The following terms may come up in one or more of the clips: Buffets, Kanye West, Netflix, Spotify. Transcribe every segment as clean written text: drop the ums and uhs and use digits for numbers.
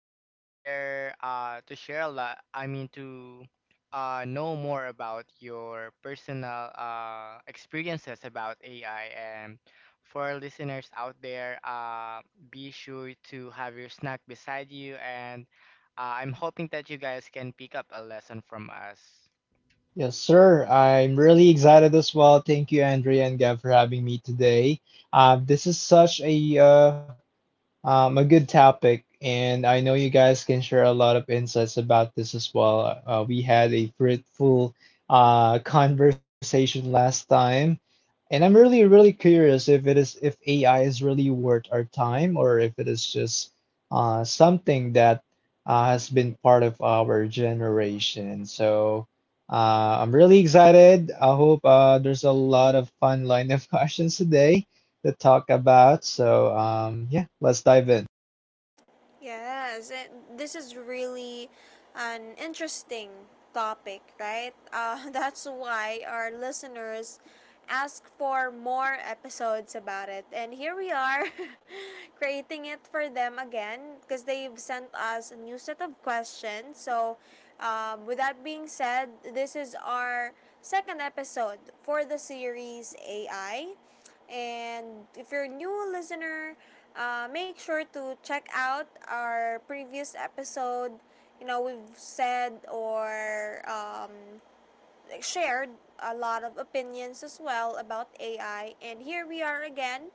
to share a lot I mean to know more about your personal experiences about AI, and for our listeners out there, be sure to have your snack beside you, and I'm hoping that you guys can pick up a lesson from us. Yes, sir. I'm really excited as well. Thank you, Andrea and Gab, for having me today. This is such a good topic, and I know you guys can share a lot of insights about this as well. We had a fruitful conversation last time, and I'm really, really curious if AI is really worth our time or if it is just something that has been part of our generation. So I'm really excited. I hope there's a lot of fun line of questions today to talk about. So, yeah, let's dive in. Yes, this is really an interesting topic, right? That's why our listeners ask for more episodes about it. And here we are creating it for them again because they've sent us a new set of questions. So, with that being said, this is our second episode for the series AI. And if you're a new listener, make sure to check out our previous episode. You know, we've said or shared a lot of opinions as well about AI. And here we are again,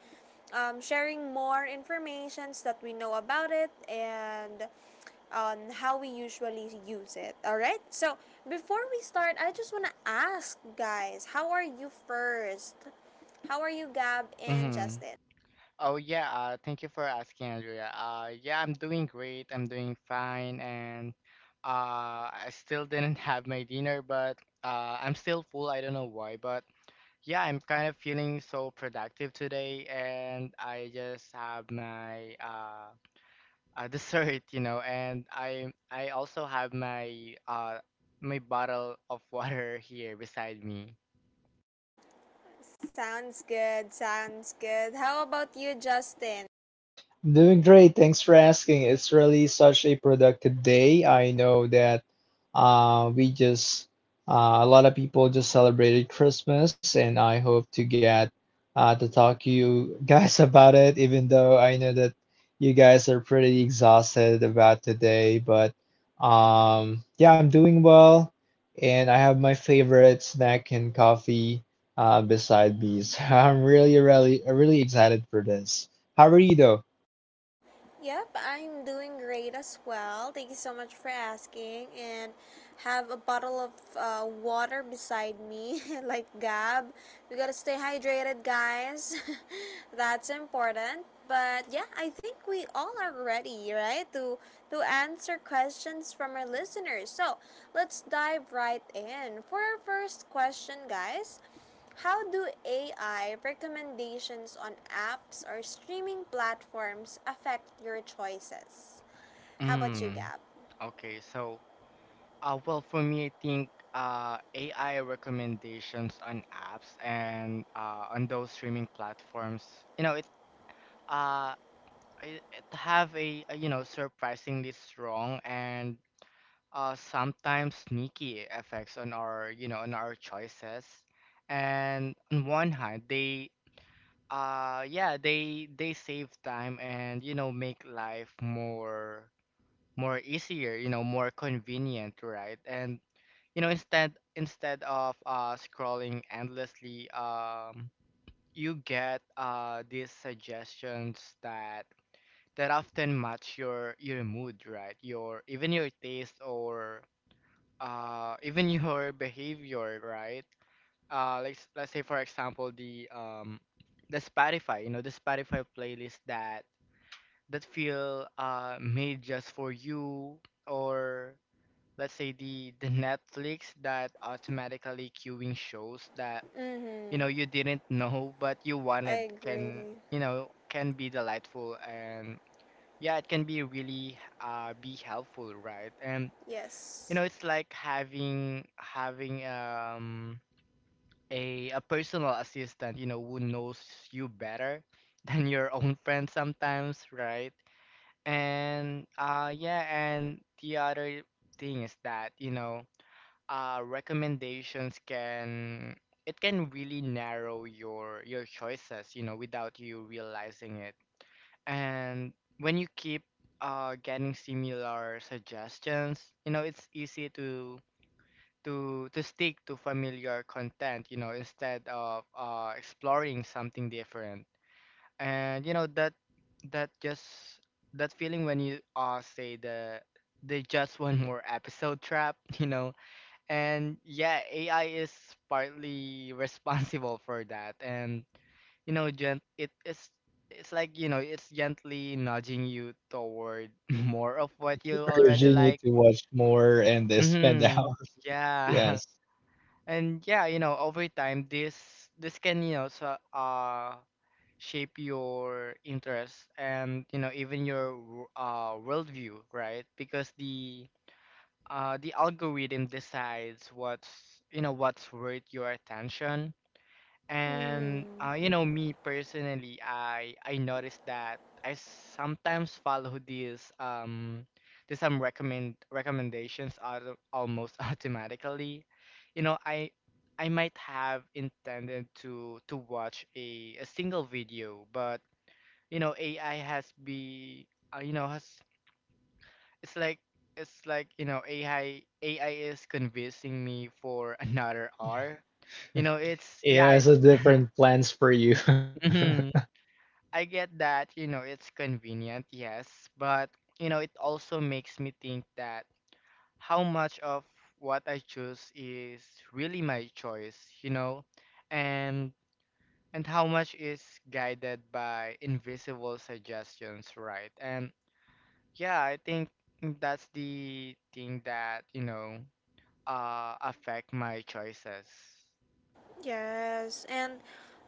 sharing more informations that we know about it and on how we usually use it. All right. So before we start, I just want to ask, guys, how are you first? How are you, Gab and Mhm. Justin? Oh yeah, thank you for asking, Andrea. Yeah, I'm doing great. I'm doing fine, and I still didn't have my dinner, but I'm still full. I don't know why, but yeah, I'm kind of feeling so productive today, and I just have my dessert, you know, and I also have my my bottle of water here beside me. Sounds good. Sounds good. How about you, Justin? Doing great. Thanks for asking. It's really such a productive day. I know that uh, we just, a lot of people just celebrated Christmas, and I hope to get to talk to you guys about it, even though I know that you guys are pretty exhausted about today. But yeah, I'm doing well, and I have my favorite snack and coffee beside me. So I'm really, really, really excited for this. How are you, though? Yep, I'm doing great as well. Thank you so much for asking. And have a bottle of water beside me, like Gab. We gotta stay hydrated, guys. That's important. But yeah, I think we all are ready, right? To answer questions from our listeners. So let's dive right in for our first question, guys. How do AI recommendations on apps or streaming platforms affect your choices? How about you, Mm. Gab? Okay, so. Well, for me, I think AI recommendations on apps and on those streaming platforms, you know, uh, it have a, you know, surprisingly strong and sometimes sneaky effects on our, you know, on our choices. And on one hand, they they save time and, you know, make life more easier, you know, more convenient, right? And you know, instead of scrolling endlessly, you get these suggestions that that often match your mood, right, your even your taste, or even your behavior, right? Let's say, for example, the Spotify, you know, the Spotify playlist that that feel made just for you, or let's say the Netflix that automatically queuing shows that, you know, Mm-hmm. you didn't know but you wanted I can, agree. you know, can be delightful, and yeah, it can be really be helpful, right? And, you Yes. know, it's like having a personal assistant, you know, who knows you better than your own friend sometimes, right? And yeah, and the other thing is that, you know, recommendations can, it can really narrow your choices, you know, without you realizing it. And when you keep getting similar suggestions, you know, it's easy to stick to familiar content, you know, instead of exploring something different. And you know that that just that feeling when you say the just one more episode trap, you know, and yeah, AI is partly responsible for that. And you know, gent it is it's like, you know, it's gently nudging you toward more of what you already Urging you like. to watch more and spend Mm-hmm. hours. Yeah. Yes. And yeah, you know, over time this can, you know, shape your interests and, you know, even your worldview, right? Because the algorithm decides what's, you know, what's worth your attention. And Mm-hmm. You know, me personally, I noticed that I sometimes follow these some recommendations auto, almost automatically, you know. I might have intended to watch a single video, but you know, ai has be you know has it's like, you know, AI is convincing me for another hour. You know, it's yeah, Yeah, has it's a different plans for you. Mhm. I get that, you know, it's convenient, yes, but you know, it also makes me think that how much of what I choose is really my choice, you know, and and how much is guided by invisible suggestions, right? And yeah, I think that's the thing that, you know, affect my choices. Yes, and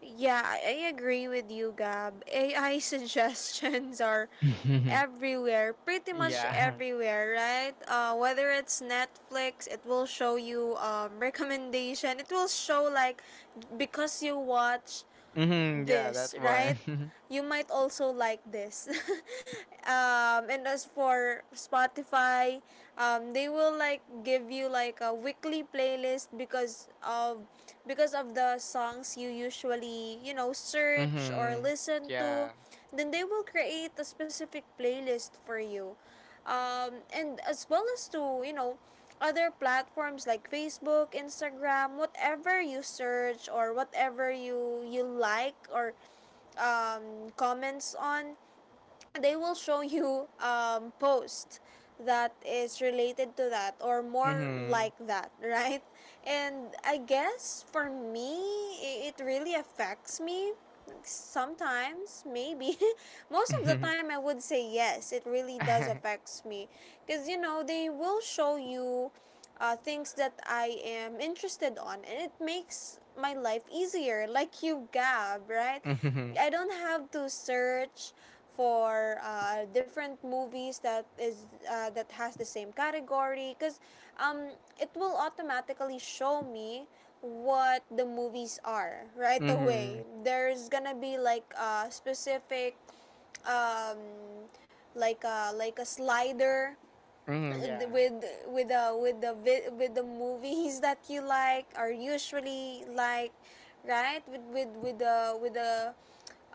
yeah, I agree with you, Gab. AI suggestions are everywhere, pretty much Yeah. everywhere, right? Whether it's Netflix, it will show you recommendation. It will show like because you watch Hmm, yeah, this, that's one. right? You might also like this. And as for Spotify, they will like give you like a weekly playlist because of the songs you usually you know search or Hmm. listen to. Yeah. Then they will create a specific playlist for you, and as well as to you know other platforms like Facebook, Instagram, whatever you search or whatever you like or comments on. They will show you post that is related to that or more Hmm. like that right. And I guess for me it really affects me sometimes, maybe most of the Hmm. time. I would say yes, it really does affects me because you know they will show you things that I am interested on, and it makes my life easier, like you Gab, right? Hmm. I don't have to search for different movies that is that has the same category because um, it will automatically show me what the movies are right Hmm. away. There's gonna be like a specific, um, like a slider Hmm. Yeah. with with the movies that you like or usually like, right, with the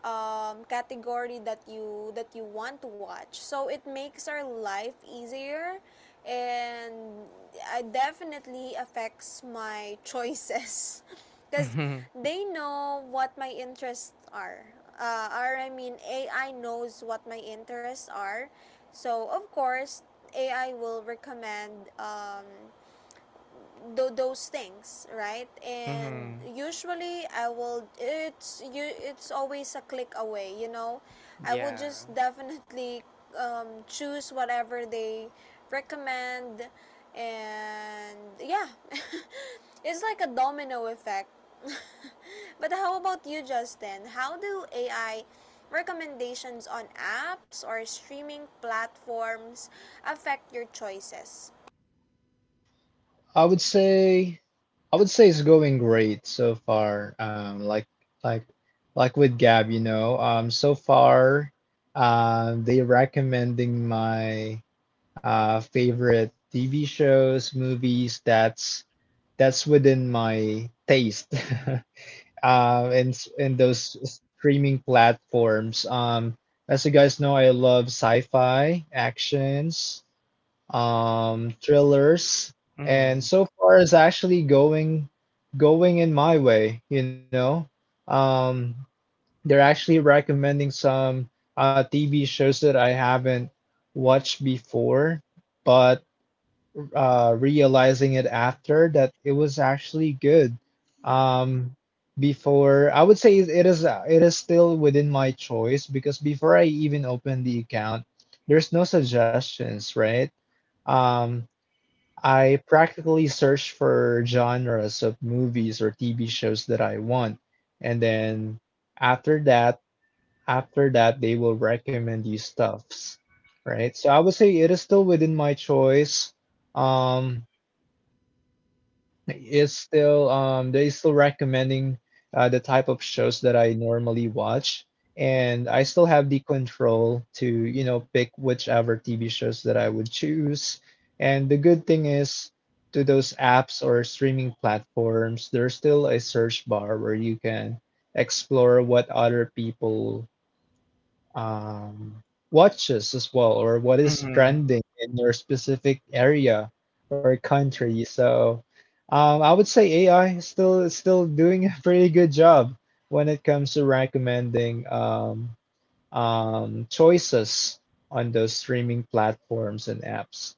category that you want to watch. So it makes our life easier, and it definitely affects my choices, because Hmm. they know what my interests are. Or I mean, AI knows what my interests are, so of course AI will recommend. Those things, right? And Hmm. usually I will, it's always a click away, you know, I would Yeah. just definitely choose whatever they recommend. And yeah, it's like a domino effect. But how about you, Justin? How do AI recommendations on apps or streaming platforms affect your choices? I would say I would say it's going great so far. Like like with Gab, you know, so far, they recommending my favorite TV shows, movies. That's within my taste. In those streaming platforms. As you guys know, I love sci-fi, actions, thrillers, and Hmm. so far is actually going in my way. You know, um, they're actually recommending some TV shows that I haven't watched before, but realizing it after that it was actually good. Um, Before I would say it is still within my choice because before I even open the account, there's no suggestions, right? Um, I practically search for genres of movies or TV shows that I want, and then after that, after that, they will recommend you stuffs, right? So I would say it is still within my choice. Um, it's still they still recommending the type of shows that I normally watch, and I still have the control to you know pick whichever TV shows that I would choose. And the good thing is, to those apps or streaming platforms, there's still a search bar where you can explore what other people um, watches as well, or what is Hmm. trending in your specific area or country. So, I would say AI is still doing a pretty good job when it comes to recommending choices on those streaming platforms and apps.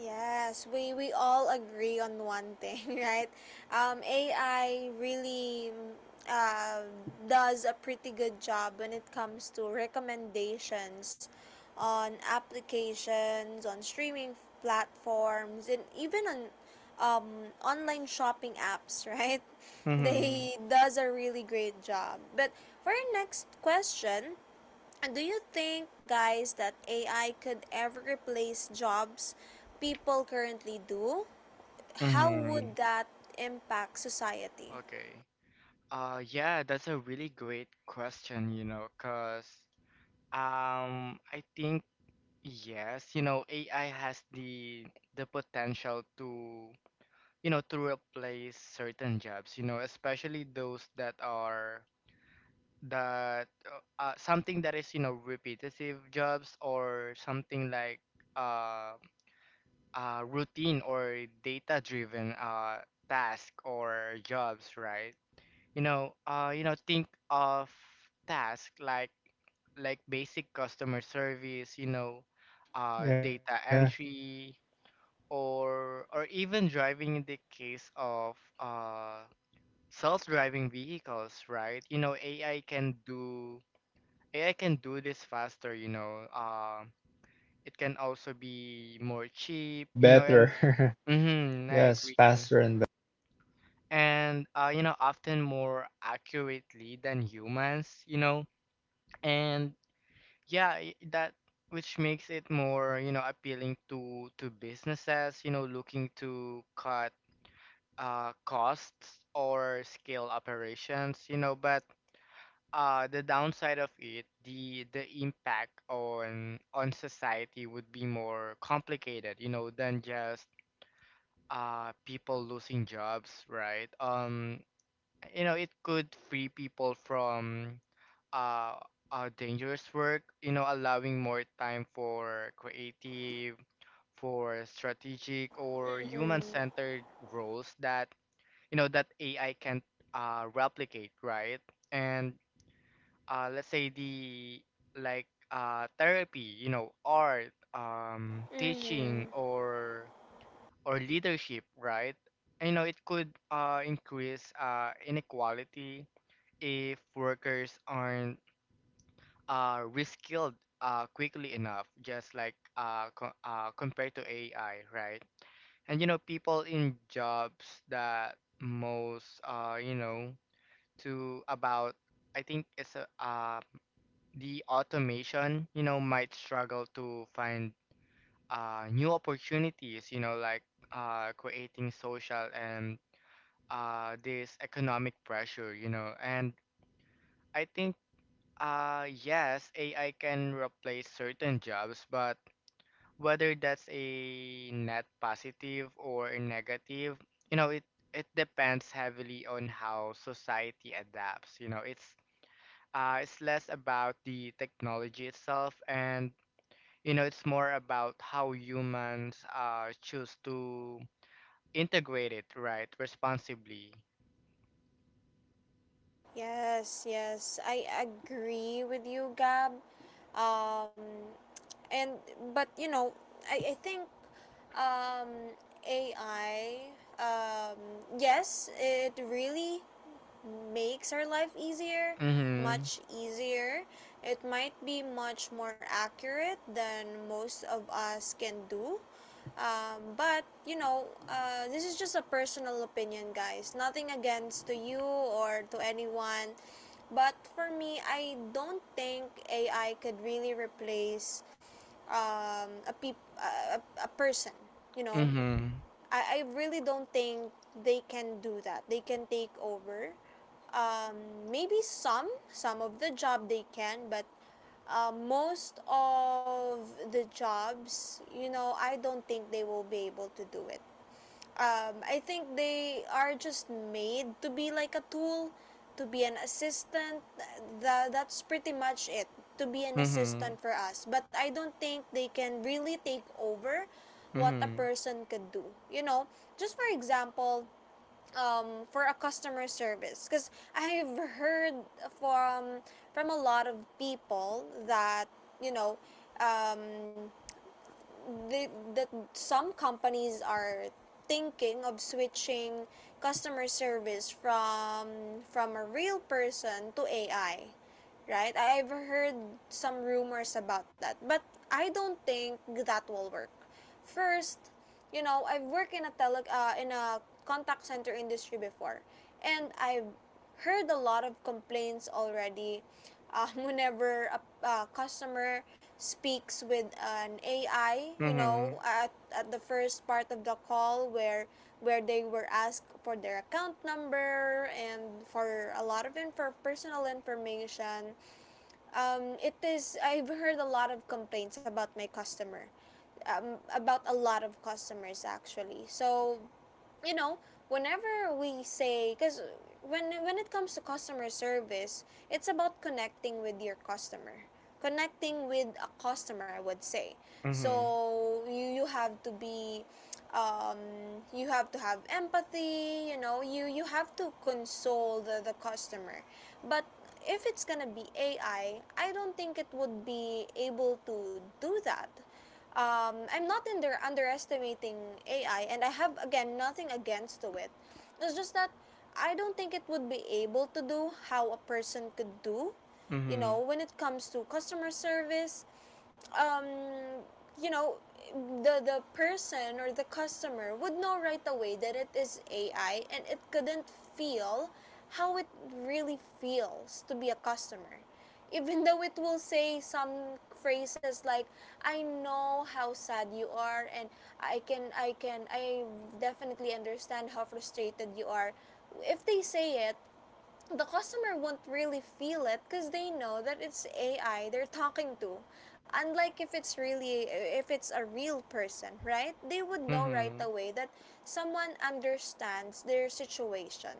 Yes, we all agree on one thing, right? AI really uh, does a pretty good job when it comes to recommendations on applications, on streaming platforms, and even on um, online shopping apps, right? Hmm. They does a really great job. But for our next question, and do you think, guys, that AI could ever replace jobs people currently do? How Hmm. would that impact society? Okay. Yeah, that's a really great question, you know, 'cause I think yes, you know, AI has the potential to, you know, to replace certain jobs, you know, especially those that are that something that is, you know, repetitive jobs or something like uh, routine or data-driven task or jobs, right? You know, think of tasks like basic customer service, you know, Yeah, data entry, or even driving in the case of self-driving vehicles, right? You know, AI can do this faster, you know. It can also be more cheap, and you know, and better. mm-hmm, I Yes, agree. faster and better. And you know, often more accurately than humans, you know. And yeah, I- that which makes it more, you know, appealing to businesses, you know, looking to cut costs or scale operations, you know, but the downside of it, the impact on society would be more complicated, you know, than just people losing jobs, right? You know, it could free people from uh, dangerous work, you know, allowing more time for creative, for strategic or human-centered roles that, you know, that AI can't replicate, right? And let's say therapy, you know, art, teaching, Mm-hmm. Or leadership, right? And, you know, it could increase inequality if workers aren't reskilled quickly enough, just like compared to AI, right? And you know, people in jobs that most you know to about I think it's a, the automation, you know, might struggle to find new opportunities, you know, like creating social and this economic pressure, you know. And I think, yes, AI can replace certain jobs, but whether that's a net positive or a negative, you know, it depends heavily on how society adapts. You know, it's less about the technology itself, and you know, it's more about how humans choose to integrate it right responsibly. Yes, yes, I agree with you, Gab. Um, and But you know, I think um, AI, Um, yes, it really makes our life easier, much Mm-hmm. easier. It might be much more accurate than most of us can do. But you know, this is just a personal opinion, guys. Nothing against to you or to anyone. But for me, I don't think AI could really replace a, peop- a person, you know. Mm-hmm. I really don't think they can do that. They can take over. Maybe some of the job they can, but most of the jobs, you know, I don't think they will be able to do it. I think they are just made to be like a tool, to be an assistant. That's pretty much it, to be an Mm-hmm. assistant for us. But I don't think they can really take over what a Mm-hmm. person could do. You know, just for example, for a customer service, because I've heard from from a lot of people that you know um, they, that some companies are thinking of switching customer service from a real person to AI, right? I have heard some rumors about that, but I don't think that will work. First, you know, I've worked in a tele in a contact center industry before, and I've heard a lot of complaints already. Whenever a customer speaks with an AI, you Mm-hmm. know, at the first part of the call where they were asked for their account number and for a lot of info, personal information. It is, I've heard a lot of complaints about my customer, about a lot of customers actually. So you know, whenever we say, because when it comes to customer service, it's about connecting with your customer. Connecting with a customer, I would say. Mm-hmm. So you have to be um, you have to have empathy. You know, you have to console the customer. But if it's gonna be AI, I don't think it would be able to do that. I'm not in there underestimating AI, and I have again nothing against to it. It's just that I don't think it would be able to do how a person could do, you Mm-hmm. know, when it comes to customer service. um, you know, the person or the customer would know right away that it is AI and it couldn't feel how it really feels to be a customer. Even though it will say some phrases like I know how sad you are, and I can I can I definitely understand how frustrated you are. If they say it, the customer won't really feel it because they know that it's AI they're talking to. Unlike if it's really if it's a real person, right? They would know right Mm-hmm. away that someone understands their situation.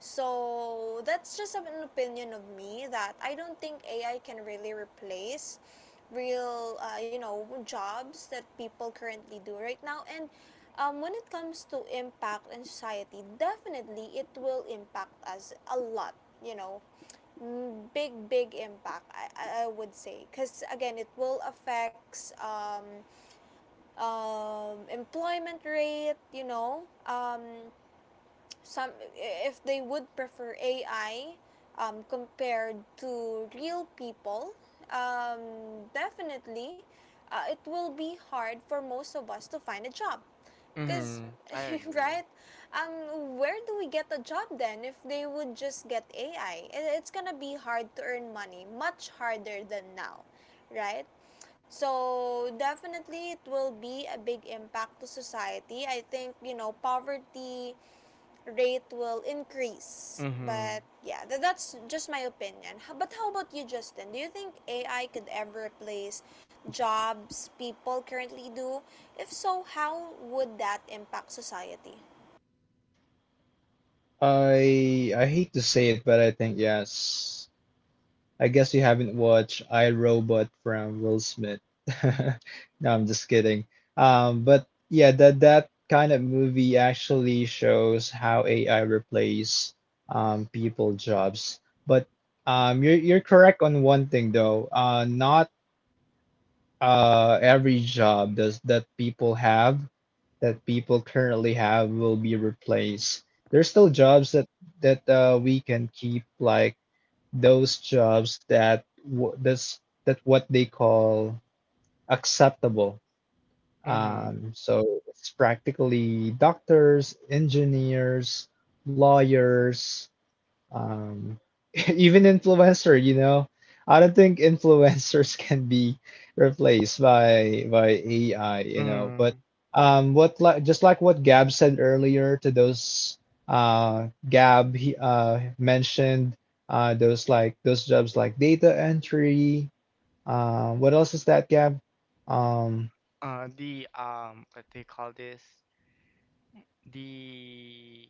So that's just an opinion of me that I don't think AI can really replace real you know jobs that people currently do right now. And when it comes to impact in society, definitely it will impact us a lot, you know. Mm, big big impact, I would say, because again it will affects employment rate, you know. Some, if they would prefer AI compared to real people, definitely it will be hard for most of us to find a job. Because, Mm-hmm. I agree. right? Where do we get a job then if they would just get AI? It's gonna be hard to earn money, much harder than now, right? So, definitely it will be a big impact to society. I think, you know, poverty rate will increase. Mm-hmm. But yeah, that's just my opinion. But how about you, Justin? Do you think AI could ever replace jobs people currently do? If so, how would that impact society? I hate to say it, but I think yes. I guess you haven't watched I, Robot from Will Smith. No, I'm just kidding. But yeah, that kind of movie actually shows how AI replace people jobs. But you're correct on one thing though. Not every job does that people have that people currently have will be replaced. There's still jobs that we can keep like those jobs that w- that's that what they call acceptable. Mm-hmm. So it's practically doctors, engineers, lawyers, um, even influencer, you know, I don't think influencers can be replaced by AI, you know. But Mm-hmm. What like just like what Gab said earlier to those Gab he mentioned those like those jobs like data entry. What else is that Gab? Um, Uh, the what do you call this the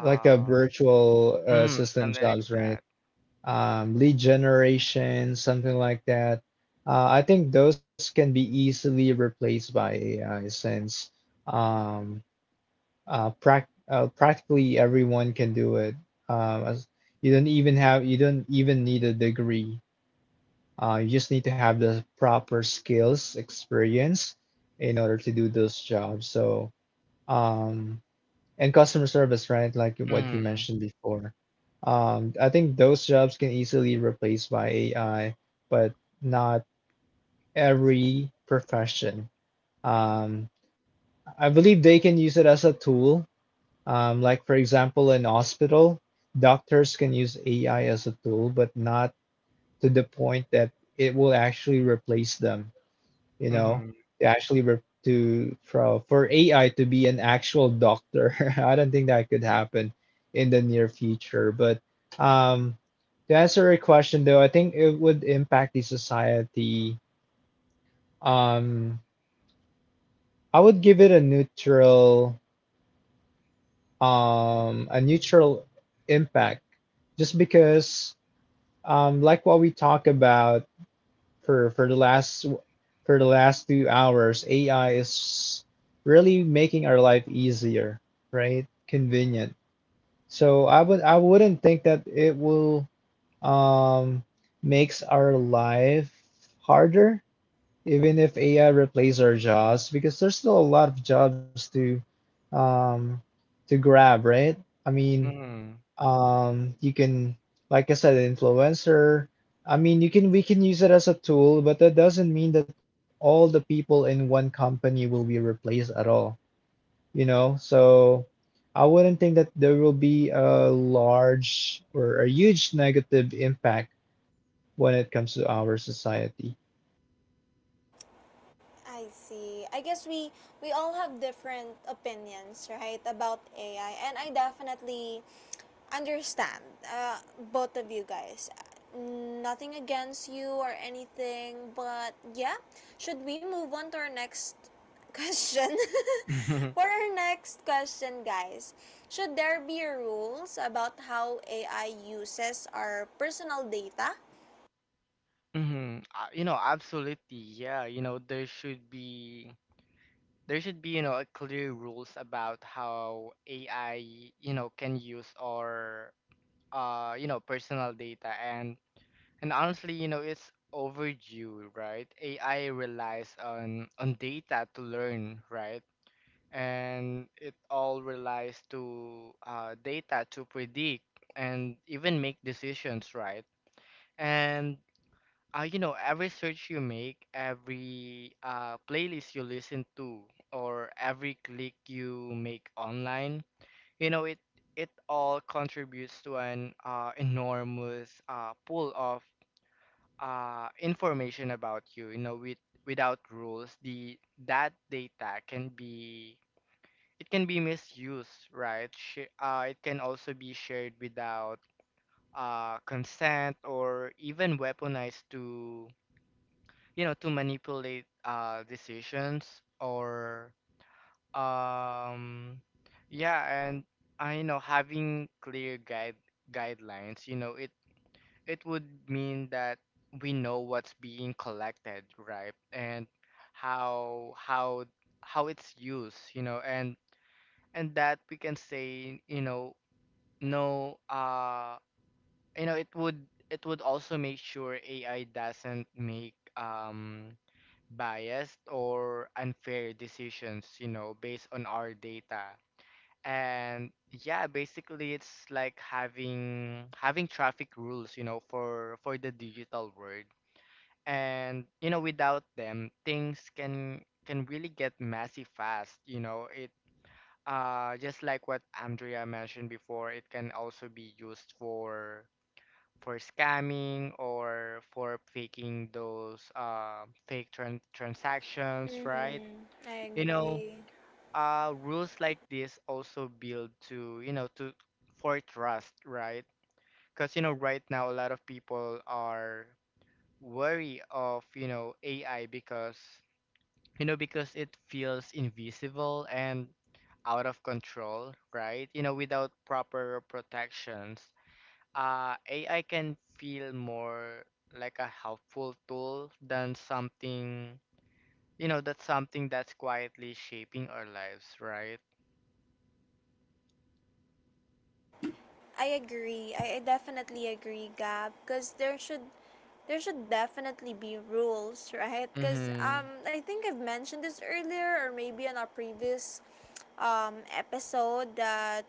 like the virtual Mm, assistant something like jobs, right? that. Lead generation, something like that. I think those can be easily replaced by AI since um, practically everyone can do it. As you don't even have you don't even need a degree. You just need to have the proper skills, experience in order to do those jobs. So, um, and customer service, right? Like what you Mm-hmm. mentioned before. I think those jobs can easily replaced by AI, but not every profession. Um, I believe they can use it as a tool. Like for example, in hospital, doctors can use AI as a tool, but not to the point that it will actually replace them, you know, Mm-hmm. to actually re- to for AI to be an actual doctor. I don't think that could happen in the near future. But um, to answer your question, though, I think it would impact the society. Um, I would give it a neutral impact, just because, like what we talk about for for the last for the last 2 hours, AI is really making our life easier, right? Convenient. So I wouldn't think that it will um makes our life harder, even if AI replaces our jobs, because there's still a lot of jobs um to grab, right? I mean, Mm. You can, like I said, influencer. I mean, you can we can use it as a tool, but that doesn't mean that all the people in one company will be replaced at all, you know? So I wouldn't think that there will be a large or a huge negative impact when it comes to our society. I see. I guess we all have different opinions, right, about AI, and I definitely understand both of you guys. Nothing against you or anything, but yeah, should we move on to our next question? For our next question, guys, should there be rules about how AI uses our personal data? Mm-hmm. You know, absolutely. Yeah, you know, there should be, you know, a clear rules about how AI, you know, can use our you know, personal data. And honestly, you know, it's overdue, right? AI relies on data to learn, right? And it all relies to data to predict and even make decisions, right? And you know, every search you make, every playlist you listen to, or every click you make online, you know, it all contributes to an enormous pool of information about you. You know, with without rules, the that data can be, it can be misused, right? Sh It can also be shared without consent or even weaponized to, you know, to manipulate decisions or um yeah. And I know having clear guidelines, you know, it would mean that we know what's being collected, right, and how how how it's used, you know, and that we can say, you know, no. You know, it would also make sure AI doesn't make biased or unfair decisions, you know, based on our data. And yeah, basically it's like having traffic rules, you know, for the digital world. And you know, without them, things can really get messy fast. You know, it just like what Andrea mentioned before, it can also be used for scamming or for faking those fake transactions, right? Mm-hmm. I You know, agree. Rules like this also build to, you know, to for trust, right? Because, you know, right now a lot of people are wary of, you know, AI because, you know, because it feels invisible and out of control, right? You know, without proper protections, AI can feel more like a helpful tool than something, you know, that's something that's quietly shaping our lives, right? I agree. I definitely agree, Gab, because there should definitely be rules, right? Because Mm-hmm. I think I've mentioned this earlier or maybe on our previous episode, that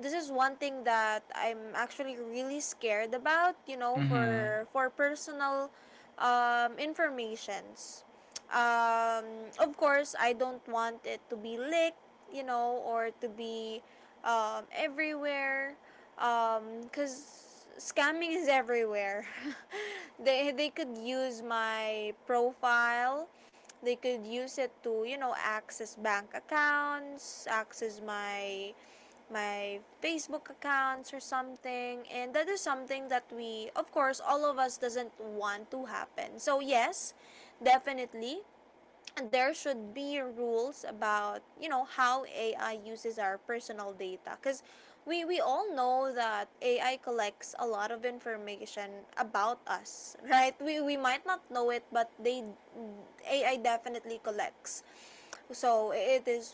this is one thing that I'm actually really scared about, you know, Mm-hmm. For personal informations. Um, of course, I don't want it to be leaked, you know, or to be everywhere, because scamming is everywhere. They could use my profile, they could use it to you know access bank accounts, access my my Facebook accounts or something, and that is something that we of course all of us doesn't want to happen. So yes, definitely there should be rules about you know how AI uses our personal data, because we all know that AI collects a lot of information about us, right? We might not know it, but they AI definitely collects. So it is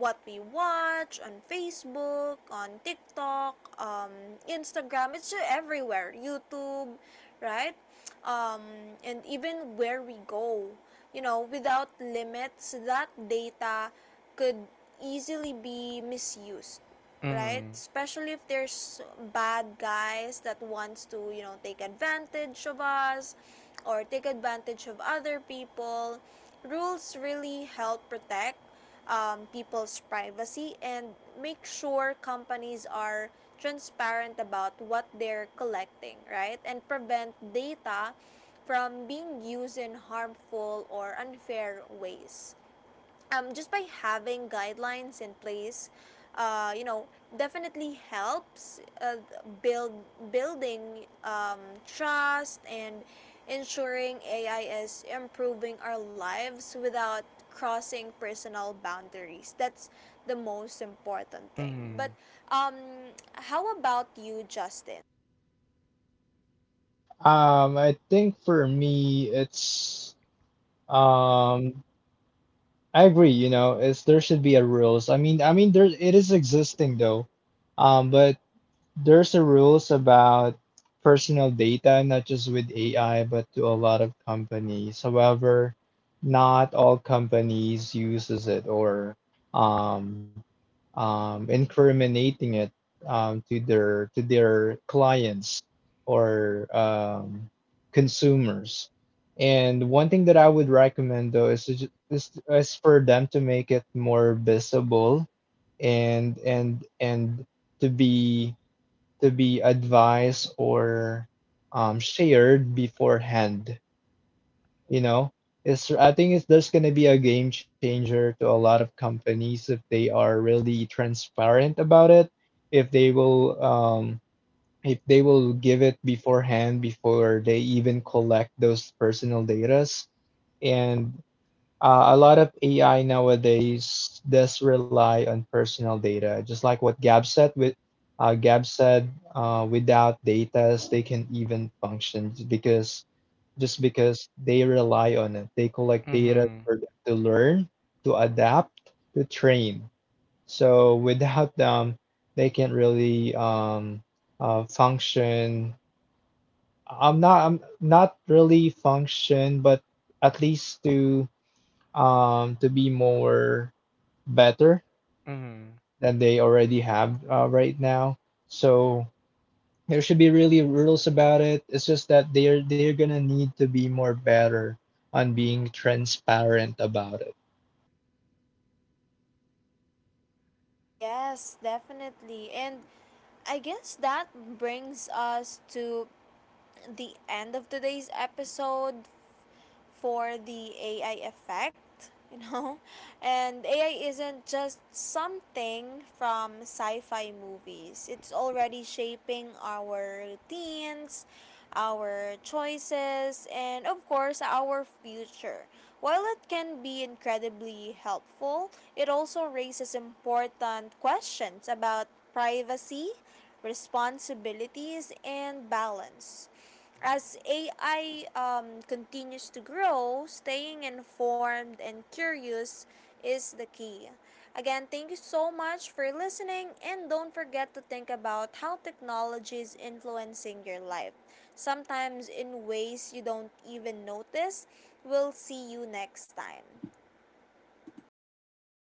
what we watch on Facebook, on TikTok, Instagram. It's just everywhere. YouTube, right? Um, and even where we go, you know, without limits, that data could easily be misused, right? Mm-hmm. Especially if there's bad guys that wants to, you know, take advantage of us or take advantage of other people. Rules really help protect people's privacy, and make sure companies are transparent about what they're collecting, right? And prevent data from being used in harmful or unfair ways. Just by having guidelines in place, you know, definitely helps build building trust and ensuring AI is improving our lives without crossing personal boundaries. That's the most important thing. Mm-hmm. But um, how about you, Justin? I think for me, it's um, I agree. You know, it's there should be a rules. I mean, there it is existing though, but there's a rules about personal data, not just with AI, but to a lot of companies. However, not all companies uses it or um, incriminating it to their clients or consumers. And one thing that I would recommend though is, is for them to make it more visible and to be to be advised or shared beforehand. You know, it's I think it's there's gonna be a game changer to a lot of companies if they are really transparent about it. If they will um, if they will give it beforehand before they even collect those personal datas, and a lot of AI nowadays does rely on personal data, just like what Gab said. With Gab said, without data, they can even because just because they rely on it, they collect data Mm-hmm. for them to learn, to adapt, to train. So without them, they can't really function. I'm not. I'm not really function, but at least to be more better Mm-hmm. than they already have right now. So there should be really rules about it. It's just that they're gonna need to be more better on being transparent about it. Yes, definitely. And I guess that brings us to the end of today's episode for the AI effect, you know. And AI isn't just something from sci-fi movies. It's already shaping our routines, our choices, and of course our future. While it can be incredibly helpful, it also raises important questions about privacy, responsibilities, and balance. As AI continues to grow, staying informed and curious is the key. Again, thank you so much for listening, and don't forget to think about how technology is influencing your life. Sometimes in ways you don't even notice. We'll see you next time.